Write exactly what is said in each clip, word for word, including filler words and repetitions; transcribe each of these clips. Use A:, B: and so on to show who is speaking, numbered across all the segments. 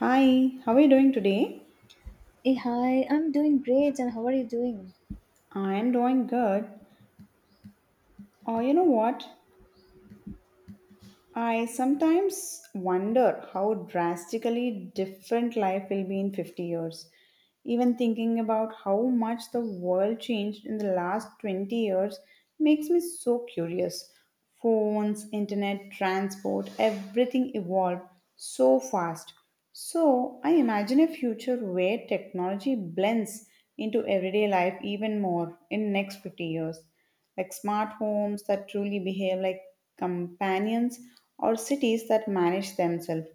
A: Hi, how are you doing today?
B: Hey, hi, I'm doing great, and how are you doing?
A: I am doing good. Oh, you know what? I sometimes wonder how drastically different life will be in fifty years. Even thinking about how much the world changed in the last twenty years makes me so curious. Phones, internet, transport, everything evolved so fast. So, I imagine a future where technology blends into everyday life even more in next fifty years, like smart homes that truly behave like companions or cities that manage themselves.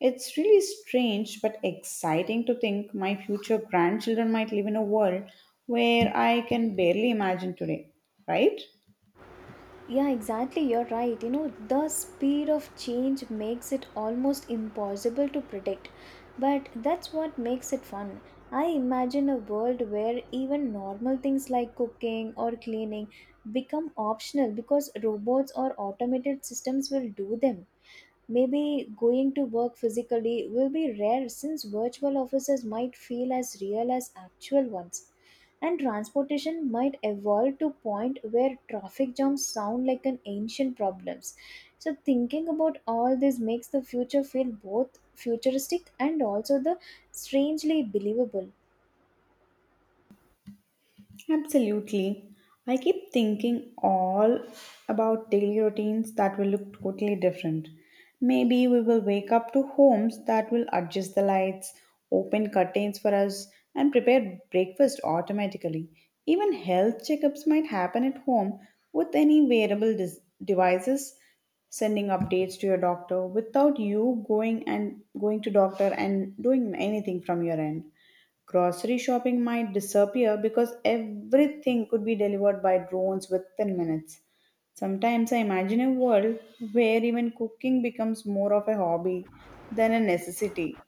A: It's really strange but exciting to think my future grandchildren might live in a world where I can barely imagine today, right?
B: Yeah, exactly, you're right. You know, the speed of change makes it almost impossible to predict, but that's what makes it fun. I imagine a world where even normal things like cooking or cleaning become optional because robots or automated systems will do them. Maybe going to work physically will be rare since virtual offices might feel as real as actual ones. And transportation might evolve to point where traffic jams sound like an ancient problems. So thinking about all this makes the future feel both futuristic and also the strangely believable.
A: Absolutely. I keep thinking all about daily routines that will look totally different. Maybe we will wake up to homes that will adjust the lights, open curtains for us, and prepare breakfast automatically. Even health checkups might happen at home with any wearable dis- devices sending updates to your doctor without you going and going to doctor and doing anything from your end. Grocery shopping might disappear because everything could be delivered by drones within minutes. Sometimes I imagine a world where even cooking becomes more of a hobby than a necessity.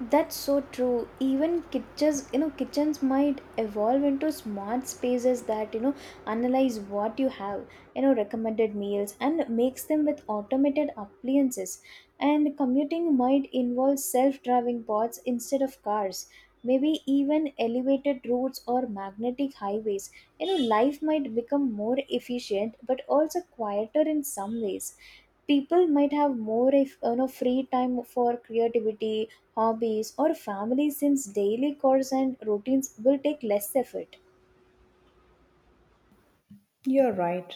B: That's so true. Even kitchens, you know, kitchens might evolve into smart spaces that, you know, analyze what you have, you know, recommended meals and makes them with automated appliances. And commuting might involve self-driving bots instead of cars. Maybe even elevated routes or magnetic highways. You know, life might become more efficient but also quieter in some ways. People might have more if you know free time for creativity, hobbies, or family, since daily chores and routines will take less effort.
A: You're right.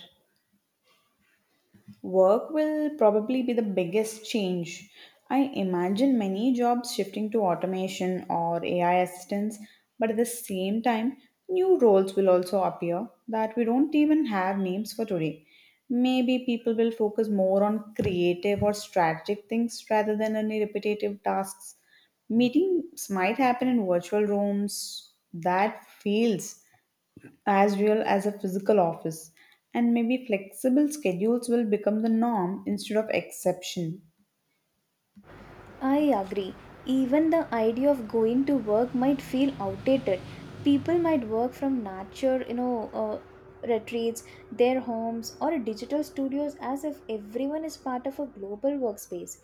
A: Work will probably be the biggest change. I imagine many jobs shifting to automation or A I assistance, but at the same time, new roles will also appear that we don't even have names for today. Maybe people will focus more on creative or strategic things rather than any repetitive tasks. Meetings might happen in virtual rooms that feels as well as a physical office, and maybe flexible schedules will become the norm instead of exception.
B: I agree. Even the idea of going to work might feel outdated. People might work from nature, you know, uh, retreats, their homes, or digital studios as if everyone is part of a global workspace.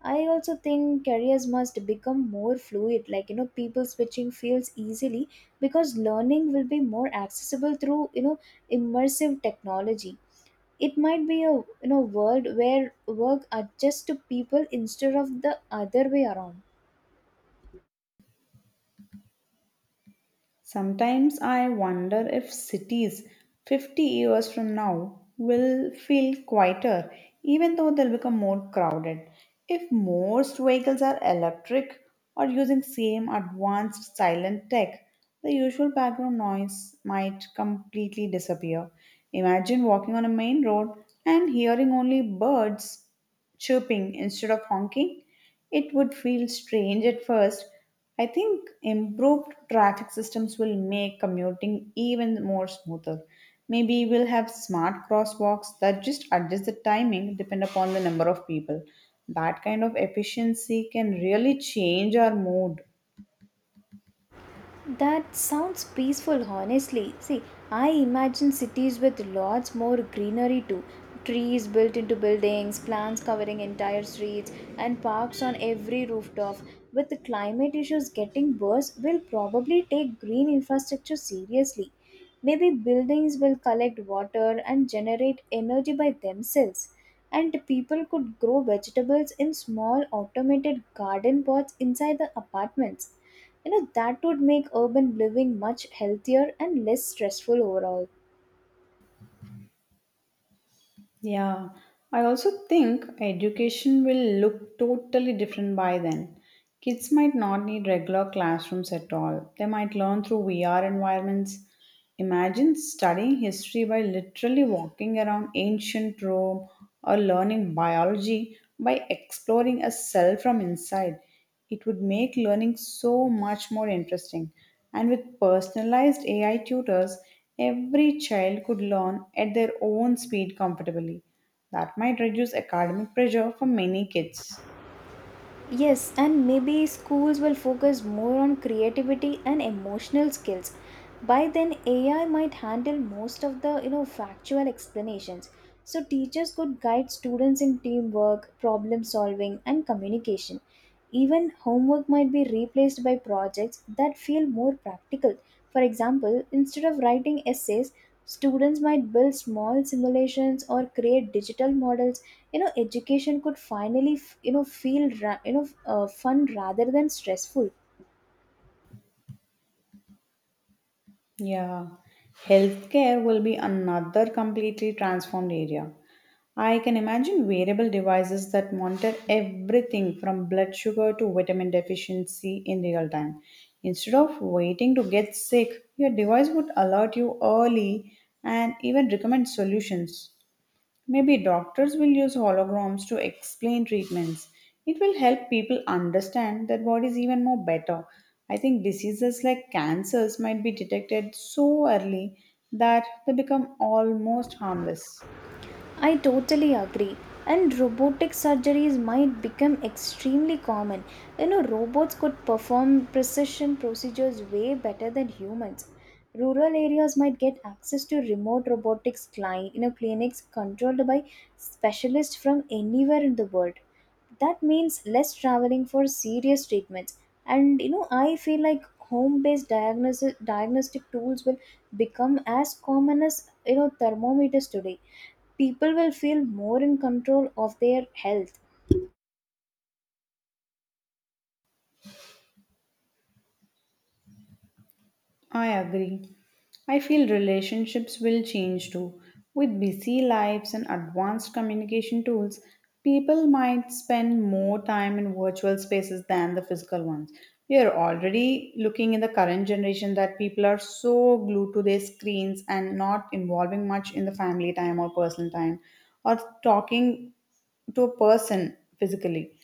B: I also think careers must become more fluid, like, you know, people switching fields easily because learning will be more accessible through, you know, immersive technology. It might be a you know world where work adjusts to people instead of the other way around.
A: Sometimes I wonder if cities fifty years from now will feel quieter, even though they'll become more crowded. If most vehicles are electric or using same advanced silent tech, the usual background noise might completely disappear. Imagine walking on a main road and hearing only birds chirping instead of honking. It would feel strange at first. I think improved traffic systems will make commuting even more smoother. Maybe we'll have smart crosswalks that just adjust the timing depend upon the number of people. That kind of efficiency can really change our mood.
B: That sounds peaceful, honestly. See, I imagine cities with lots more greenery too. Trees built into buildings, plants covering entire streets, and parks on every rooftop. With the climate issues getting worse, we'll probably take green infrastructure seriously. Maybe buildings will collect water and generate energy by themselves. And people could grow vegetables in small automated garden pots inside the apartments. You know, that would make urban living much healthier and less stressful overall.
A: Yeah, I also think education will look totally different by then. Kids might not need regular classrooms at all. They might learn through V R environments. Imagine studying history by literally walking around ancient Rome or learning biology by exploring a cell from inside. It would make learning so much more interesting. And with personalized A I tutors, every child could learn at their own speed comfortably. That might reduce academic pressure for many kids.
B: Yes, and maybe schools will focus more on creativity and emotional skills. By then AI might handle most of the you know factual explanations, so teachers could guide students in teamwork, problem solving, and communication. Even homework might be replaced by projects that feel more practical. For example, instead of writing essays, students might build small simulations or create digital models. You know, education could finally, f- you know, feel ra- you know, uh, fun rather than stressful.
A: Yeah, healthcare will be another completely transformed area. I can imagine wearable devices that monitor everything from blood sugar to vitamin deficiency in real time. Instead of waiting to get sick, your device would alert you early and even recommend solutions. Maybe doctors will use holograms to explain treatments. It will help people understand their bodies even more better. I think diseases like cancers might be detected so early that they become almost harmless.
B: I totally agree. And robotic surgeries might become extremely common. You know, robots could perform precision procedures way better than humans. Rural areas might get access to remote robotics client, you know, clinics controlled by specialists from anywhere in the world. That means less traveling for serious treatments, and you know I feel like home based diagnosis diagnostic tools will become as common as you know thermometers today. People will feel more in control of their health.
A: I agree. I feel relationships will change too. With busy lives and advanced communication tools, people might spend more time in virtual spaces than the physical ones. We are already looking in the current generation that people are so glued to their screens and not involving much in the family time or personal time or talking to a person physically.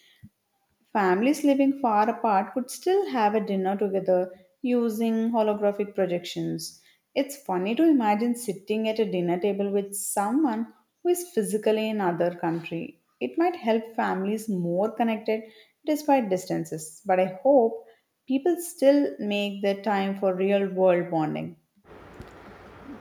A: Families living far apart could still have a dinner together using holographic projections. It's funny to imagine sitting at a dinner table with someone who is physically in another country. It might help families more connected despite distances, but I hope people still make their time for real world bonding.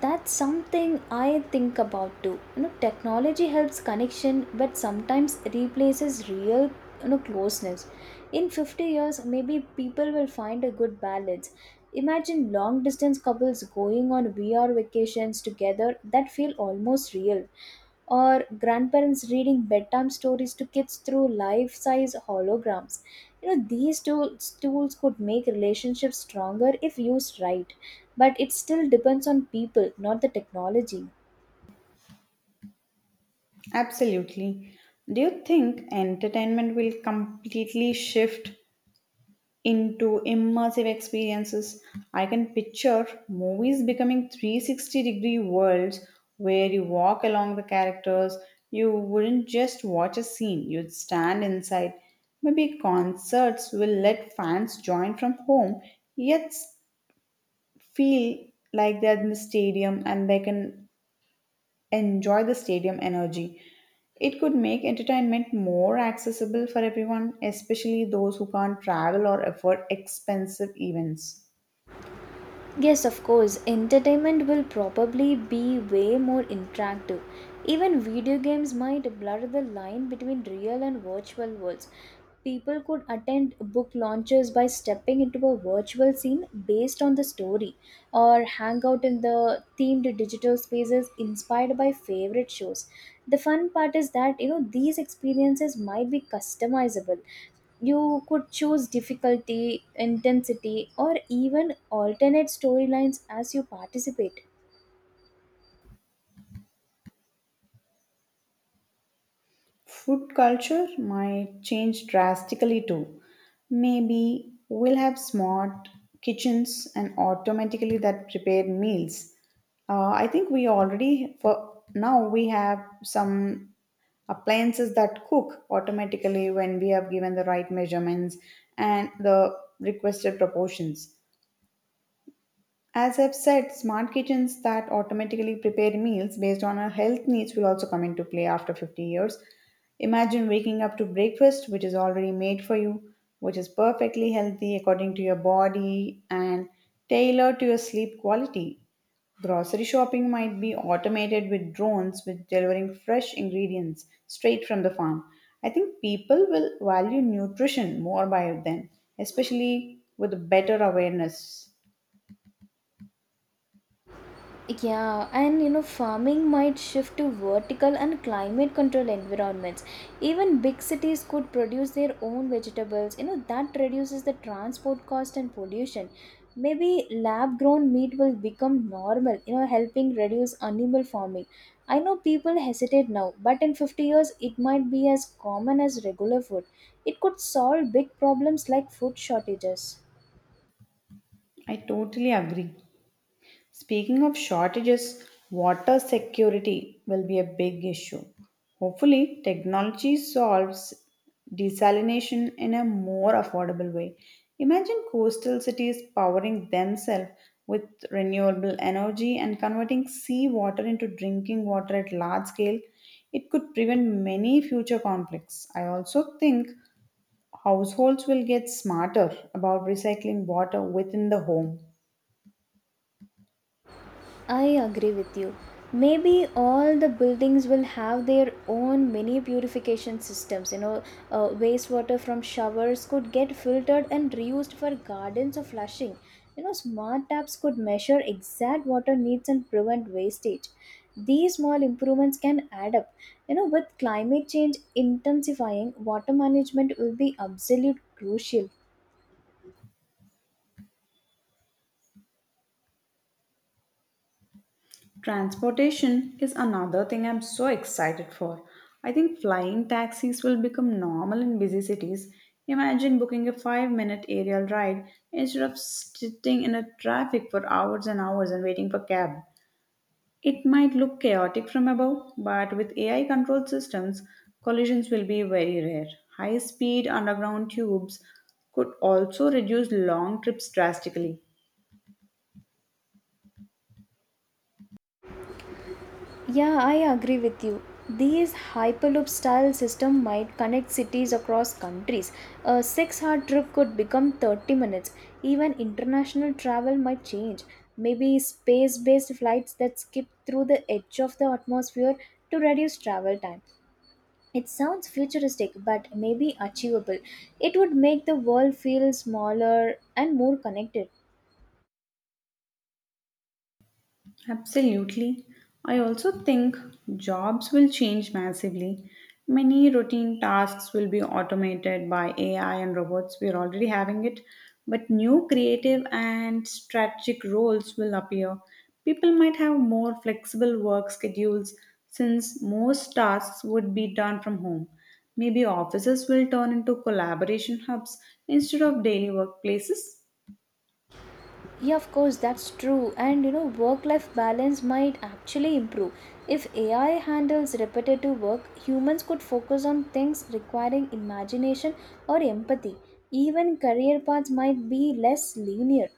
B: That's something I think about too. You know, technology helps connection but sometimes replaces real, you know, closeness. In fifty years maybe people will find a good balance. Imagine long distance couples going on V R vacations together that feel almost real, or grandparents reading bedtime stories to kids through life size holograms. You know, these tools tools could make relationships stronger if used right, but it still depends on people, not the technology.
A: Absolutely. Do you think entertainment will completely shift into immersive experiences? I can picture movies becoming three hundred sixty degree worlds where you walk along the characters. You wouldn't just watch a scene, you'd stand inside. Maybe concerts will let fans join from home, yet feel like they're in the stadium and they can enjoy the stadium energy. It could make entertainment more accessible for everyone, especially those who can't travel or afford expensive events.
B: Yes, of course, entertainment will probably be way more interactive. Even video games might blur the line between real and virtual worlds. People could attend book launches by stepping into a virtual scene based on the story, or hang out in the themed digital spaces inspired by favorite shows. The fun part is that you know these experiences might be customizable. You could choose difficulty, intensity, or even alternate storylines as you participate.
A: Food culture might change drastically too. Maybe we'll have smart kitchens and automatically that prepare meals. Uh, I think we already, for now, we have some appliances that cook automatically when we have given the right measurements and the requested proportions. As I've said, smart kitchens that automatically prepare meals based on our health needs will also come into play after fifty years. Imagine waking up to breakfast, which is already made for you, which is perfectly healthy according to your body and tailored to your sleep quality. Grocery shopping might be automated with drones with delivering fresh ingredients straight from the farm. I think people will value nutrition more by then, especially with better awareness.
B: Yeah, and you know, farming might shift to vertical and climate control environments. Even big cities could produce their own vegetables. You know, that reduces the transport cost and pollution. Maybe lab grown meat will become normal, you know, helping reduce animal farming. I know people hesitate now, but in fifty years, it might be as common as regular food. It could solve big problems like food shortages.
A: I totally agree. Speaking of shortages, water security will be a big issue. Hopefully, technology solves desalination in a more affordable way. Imagine coastal cities powering themselves with renewable energy and converting seawater into drinking water at large scale. It could prevent many future conflicts. I also think households will get smarter about recycling water within the home.
B: I agree with you. Maybe all the buildings will have their own mini purification systems. You know, uh, wastewater from showers could get filtered and reused for gardens or flushing. You know, smart taps could measure exact water needs and prevent wastage. These small improvements can add up. You know, with climate change intensifying, water management will be absolute crucial.
A: Transportation is another thing I'm so excited for. I think flying taxis will become normal in busy cities. Imagine booking a five minute aerial ride instead of sitting in a traffic for hours and hours and waiting for cab. It might look chaotic from above, but with A I controlled systems, collisions will be very rare. High speed underground tubes could also reduce long trips drastically.
B: Yeah, I agree with you. These Hyperloop style system might connect cities across countries. A six-hour trip could become thirty minutes. Even international travel might change. Maybe space-based flights that skip through the edge of the atmosphere to reduce travel time. It sounds futuristic but maybe achievable. It would make the world feel smaller and more connected.
A: Absolutely. I also think jobs will change massively. Many routine tasks will be automated by A I and robots. We're already having it. But new creative and strategic roles will appear. People might have more flexible work schedules since most tasks would be done from home. Maybe offices will turn into collaboration hubs instead of daily workplaces.
B: Yeah, of course, that's true. And you know, work life balance might actually improve. If A I handles repetitive work, humans could focus on things requiring imagination or empathy. Even career paths might be less linear.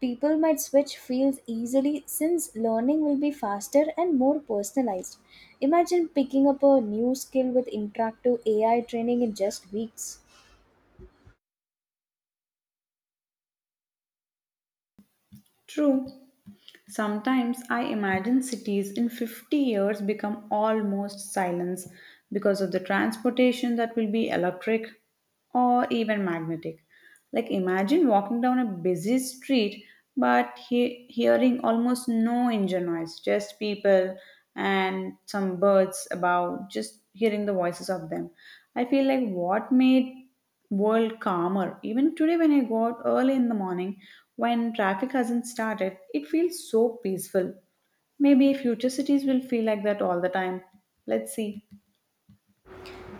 B: People might switch fields easily since learning will be faster and more personalized. Imagine picking up a new skill with interactive A I training in just weeks.
A: True. Sometimes I imagine cities in fifty years become almost silence because of the transportation that will be electric or even magnetic. Like imagine walking down a busy street but he- hearing almost no engine noise, just people and some birds about, just hearing the voices of them. I feel like what made world calmer. Even today, when I go out early in the morning, when traffic hasn't started, it feels so peaceful. Maybe future cities will feel like that all the time. Let's see.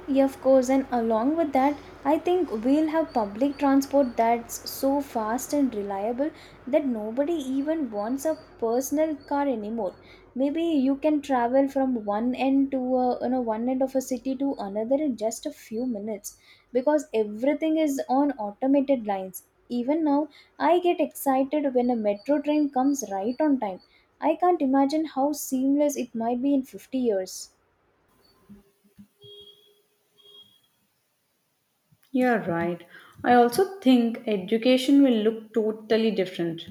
B: Yeah, of course, and along with that, I think we'll have public transport that's so fast and reliable that nobody even wants a personal car anymore. Maybe you can travel from one end to a, you know, one end of a city to another in just a few minutes because everything is on automated lines. Even now, I get excited when a metro train comes right on time. I can't imagine how seamless it might be in fifty years.
A: You're right. I also think education will look totally different.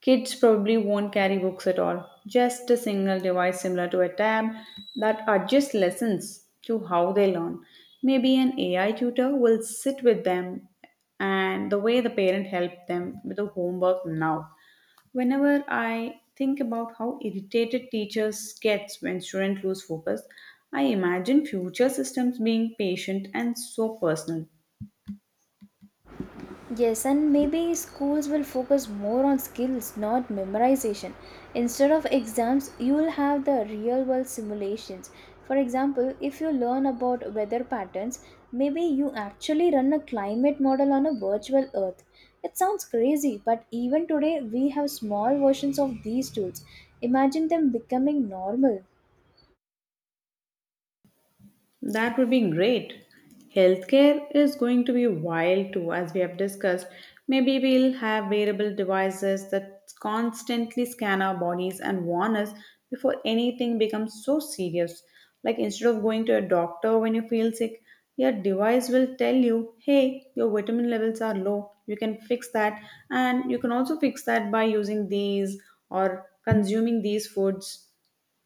A: Kids probably won't carry books at all, just a single device similar to a tab that adjusts lessons to how they learn. Maybe an A I tutor will sit with them and the way the parent helped them with the homework now. Whenever I think about how irritated teachers get when students lose focus, I imagine future systems being patient and so personal.
B: Yes, and maybe schools will focus more on skills, not memorization. Instead of exams, you will have the real world simulations. For example, if you learn about weather patterns, maybe you actually run a climate model on a virtual earth. It sounds crazy, but even today we have small versions of these tools. Imagine them becoming normal.
A: That would be great. Healthcare is going to be wild too, as we have discussed. Maybe we'll have wearable devices that constantly scan our bodies and warn us before anything becomes so serious. Like instead of going to a doctor when you feel sick, your device will tell you, hey, your vitamin levels are low. You can fix that. And you can also fix that by using these or consuming these foods.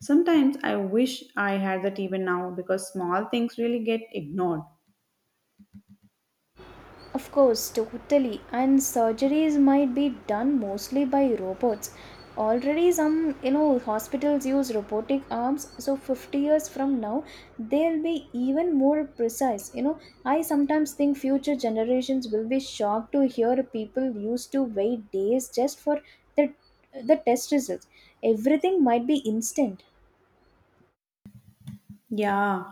A: Sometimes I wish I had that even now because small things really get ignored.
B: Of course, totally. And surgeries might be done mostly by robots. Already, some you know hospitals use robotic arms. So, fifty years from now, they'll be even more precise. You know, I sometimes think future generations will be shocked to hear people used to wait days just for the the test results. Everything might be instant.
A: Yeah.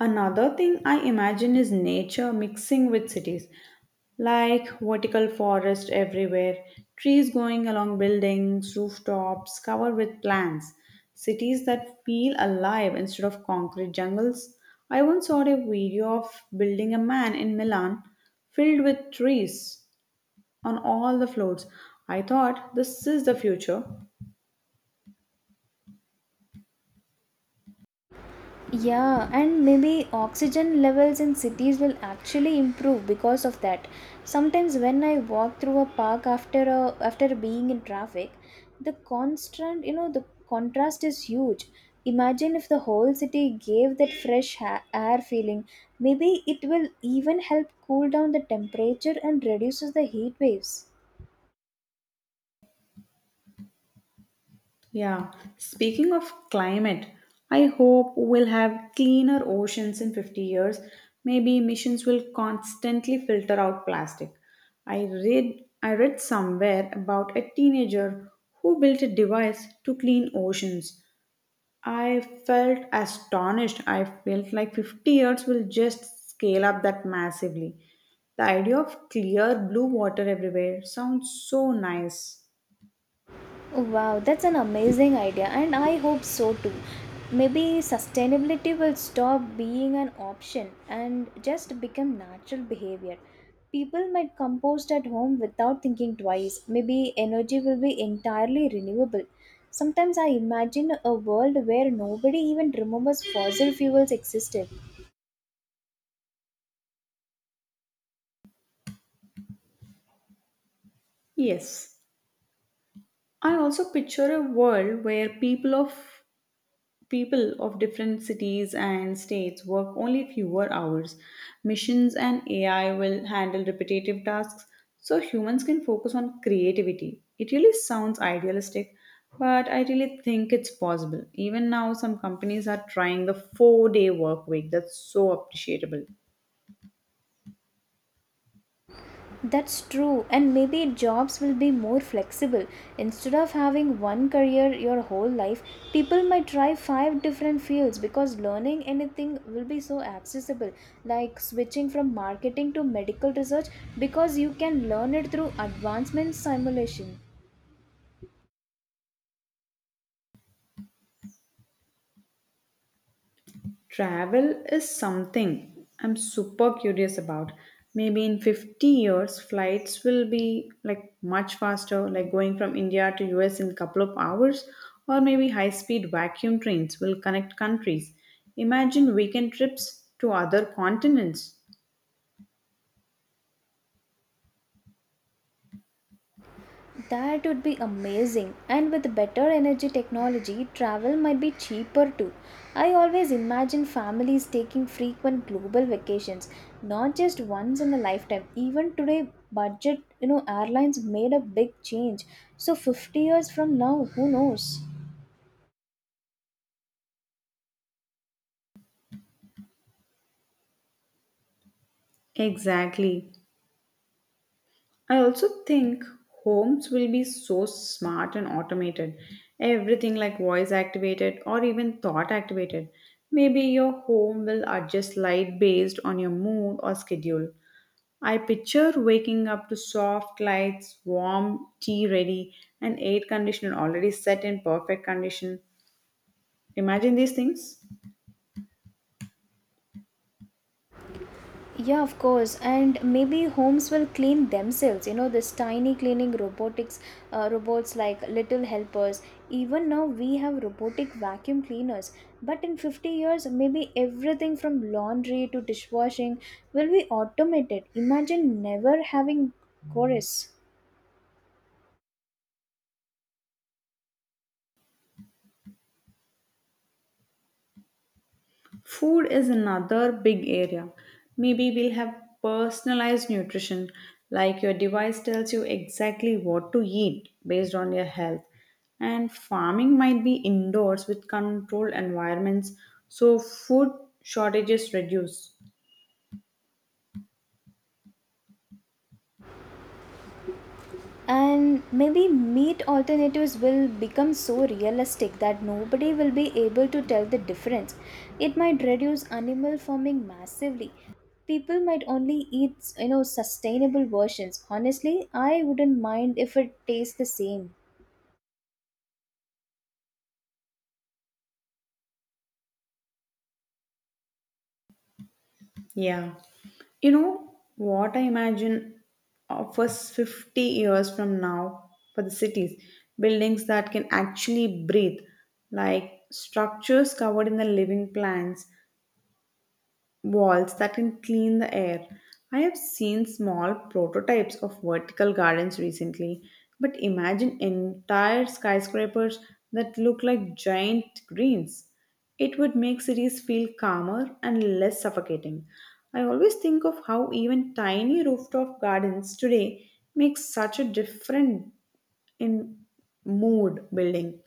A: Another thing I imagine is nature mixing with cities, like vertical forest everywhere, trees going along buildings, rooftops covered with plants, cities that feel alive instead of concrete jungles. I once saw a video of building a man in Milan filled with trees on all the floors. I thought this is the future.
B: Yeah, and maybe oxygen levels in cities will actually improve because of that. Sometimes when I walk through a park after a, after being in traffic, the constant, you know, the contrast is huge. Imagine if the whole city gave that fresh ha- air feeling. Maybe it will even help cool down the temperature and reduces the heat waves.
A: Yeah, speaking of climate, I hope we'll have cleaner oceans in fifty years. Maybe emissions will constantly filter out plastic. I read I read somewhere about a teenager who built a device to clean oceans. I felt astonished. I felt like fifty years will just scale up that massively. The idea of clear blue water everywhere sounds so nice.
B: Wow, that's an amazing idea, and I hope so too. Maybe sustainability will stop being an option and just become natural behavior. People might compost at home without thinking twice. Maybe energy will be entirely renewable. Sometimes I imagine a world where nobody even remembers fossil fuels existed.
A: Yes. I also picture a world where people of people of different cities and states work only fewer hours. Missions and A I will handle repetitive tasks so humans can focus on creativity. It really sounds idealistic, but I really think it's possible. Even now some companies are trying the four-day work week. That's so appreciable.
B: That's true, and maybe jobs will be more flexible. Instead of having one career your whole life, people might try five different fields because learning anything will be so accessible. Like switching from marketing to medical research because you can learn it through advancement simulation.
A: Travel is something I'm super curious about. Maybe in fifty years, flights will be like much faster, like going from India to U S in a couple of hours, or maybe high speed vacuum trains will connect countries. Imagine weekend trips to other continents.
B: That would be amazing. And with better energy technology, travel might be cheaper too. I always imagine families taking frequent global vacations, not just once in a lifetime. Even today, budget, you know, airlines made a big change. So fifty years from now, who knows?
A: Exactly. I also think homes will be so smart and automated. Everything like voice activated or even thought activated. Maybe your home will adjust light based on your mood or schedule. I picture waking up to soft lights, warm tea ready, and air conditioner already set in perfect condition. Imagine these things.
B: Yeah, of course, and maybe homes will clean themselves. You know, this tiny cleaning robotics uh, robots like little helpers. Even now, we have robotic vacuum cleaners. But in fifty years, maybe everything from laundry to dishwashing will be automated. Imagine never having chorus.
A: Food is another big area. Maybe we'll have personalized nutrition, like your device tells you exactly what to eat based on your health. And farming might be indoors with controlled environments, so food shortages reduce.
B: And maybe meat alternatives will become so realistic that nobody will be able to tell the difference. It might reduce animal farming massively. People might only eat, you know, sustainable versions. Honestly, I wouldn't mind if it tastes the same.
A: Yeah. You know what I imagine of us fifty years from now for the cities? Buildings that can actually breathe, like structures covered in the living plants, walls that can clean the air. I have seen small prototypes of vertical gardens recently, but imagine entire skyscrapers that look like giant greens. It would make cities feel calmer and less suffocating. I always think of how even tiny rooftop gardens today make such a difference in mood building.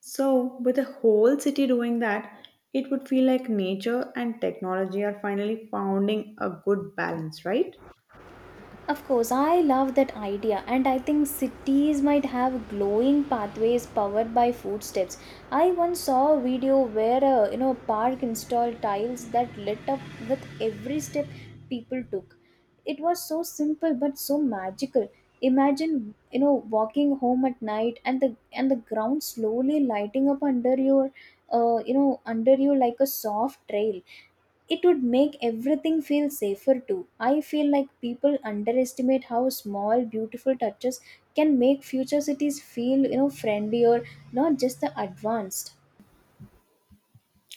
A: So, with the whole city doing that, it would feel like nature and technology are finally finding a good balance, right?
B: Of course, I love that idea, and I think cities might have glowing pathways powered by footsteps. I once saw a video where a you know park installed tiles that lit up with every step people took. It was so simple but so magical. Imagine, you know, walking home at night and the and the ground slowly lighting up under your uh, you know, under you like a soft trail. It would make everything feel safer too. I feel like people underestimate how small, beautiful touches can make future cities feel, you know, friendlier, not just the advanced.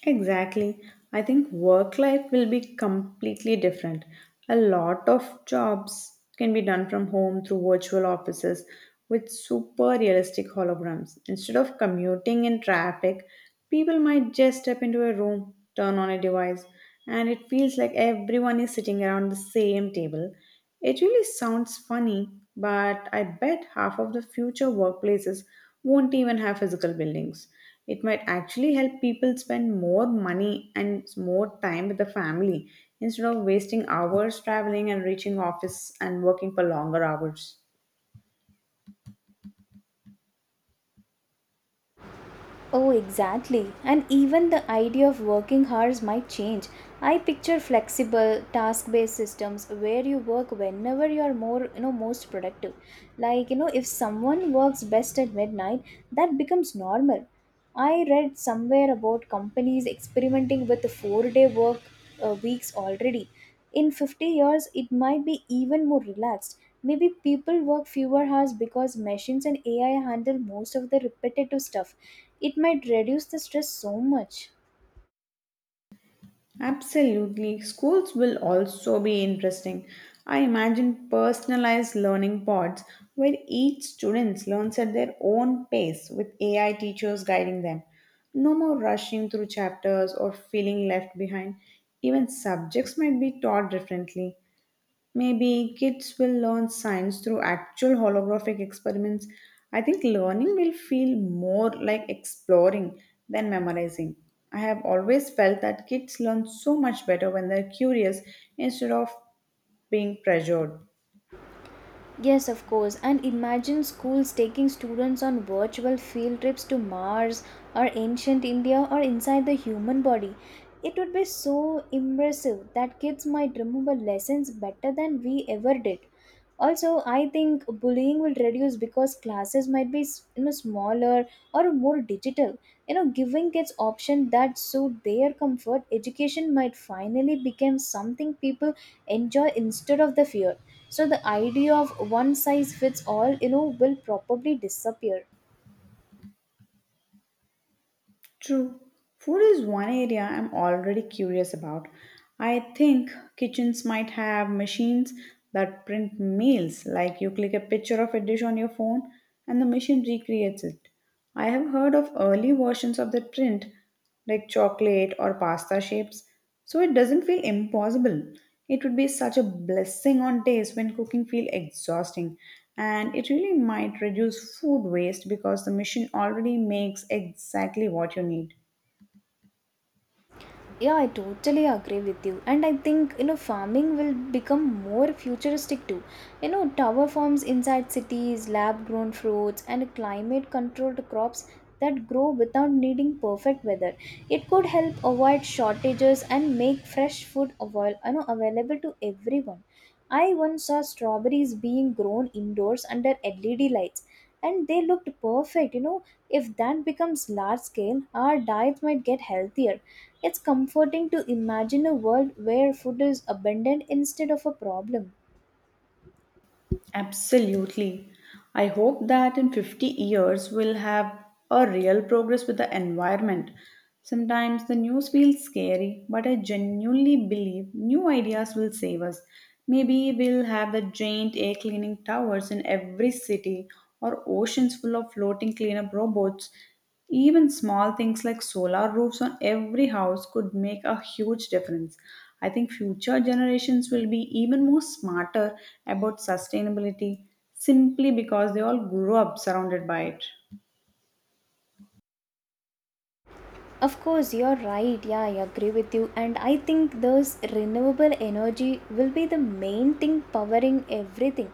A: Exactly. I think work life will be completely different. A lot of jobs can be done from home through virtual offices with super realistic holograms. Instead of commuting in traffic, people might just step into a room, turn on a device, and it feels like everyone is sitting around the same table. It really sounds funny, but I bet half of the future workplaces won't even have physical buildings. It might actually help people spend more money and more time with the family instead of wasting hours traveling and reaching office and working for longer hours.
B: Oh, exactly. And even the idea of working hours might change. I picture flexible task-based systems where you work whenever you are more, you know, most productive. Like, you know, if someone works best at midnight, that becomes normal. I read somewhere about companies experimenting with four-day work uh, weeks already. In fifty years it might be even more relaxed. Maybe people work fewer hours because machines and AI handle most of the repetitive stuff. It might reduce the stress so much.
A: Absolutely. Schools will also be interesting. I imagine personalized learning pods where each student learns at their own pace with A I teachers guiding them. No more rushing through chapters or feeling left behind. Even subjects might be taught differently. Maybe kids will learn science through actual holographic experiments. I think learning will feel more like exploring than memorizing. I have always felt that kids learn so much better when they're curious instead of being pressured.
B: Yes, of course. And imagine schools taking students on virtual field trips to Mars or ancient India or inside the human body. It would be so impressive that kids might remember lessons better than we ever did. Also, I think bullying will reduce because classes might be, you know, smaller or more digital. You know, giving kids options that suit their comfort, education might finally become something people enjoy instead of the fear. So the idea of one size fits all, you know, will probably disappear.
A: True. Food is one area I'm already curious about. I think kitchens might have machines that print meals, like you click a picture of a dish on your phone and the machine recreates it. I have heard of early versions of that print, like chocolate or pasta shapes, so it doesn't feel impossible. It would be such a blessing on days when cooking feel exhausting and it really might reduce food waste because the machine already makes exactly what you need.
B: Yeah, I totally agree with you. And I think, you know, farming will become more futuristic too. You know, tower farms inside cities, lab grown fruits, and climate controlled crops that grow without needing perfect weather. It could help avoid shortages and make fresh food avail- you know, available to everyone. I once saw strawberries being grown indoors under L E D lights and they looked perfect. You know, if that becomes large scale, our diet might get healthier. It's comforting to imagine a world where food is abundant instead of a problem.
A: Absolutely. I hope that in fifty years we'll have a real progress with the environment. Sometimes the news feels scary, but I genuinely believe new ideas will save us. Maybe we'll have the giant air cleaning towers in every city or oceans full of floating cleanup robots. Even small things like solar roofs on every house could make a huge difference. I think future generations will be even more smarter about sustainability simply because they all grew up surrounded by it.
B: Of course, you're right. Yeah, I agree with you. And I think those renewable energy will be the main thing powering everything.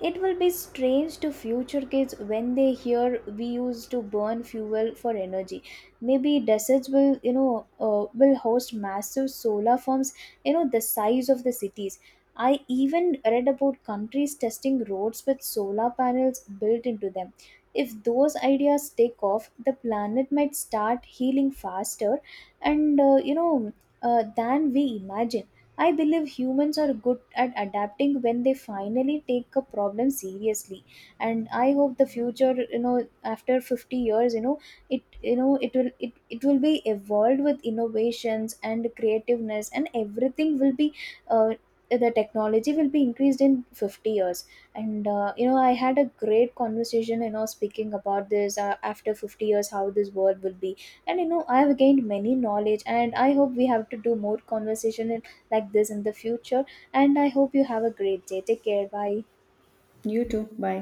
B: It will be strange to future kids when they hear we used to burn fuel for energy. Maybe deserts will, you know, uh, will host massive solar farms, you know, the size of the cities. I even read about countries testing roads with solar panels built into them. If those ideas take off, the planet might start healing faster and, uh, you know, uh, than we imagine. I believe humans are good at adapting when they finally take a problem seriously, and I hope the future, you know, after fifty years, you know, it you know, it will it, it will be evolved with innovations and creativeness, and everything will be, uh, the technology will be increased in fifty years. And uh, you know, I had a great conversation, you know, speaking about this, uh, after fifty years how this world will be. And you know I have gained many knowledge, and I hope we have to do more conversation in- like this in the future. And I hope you have a great day. Take care, bye.
A: You too. Bye.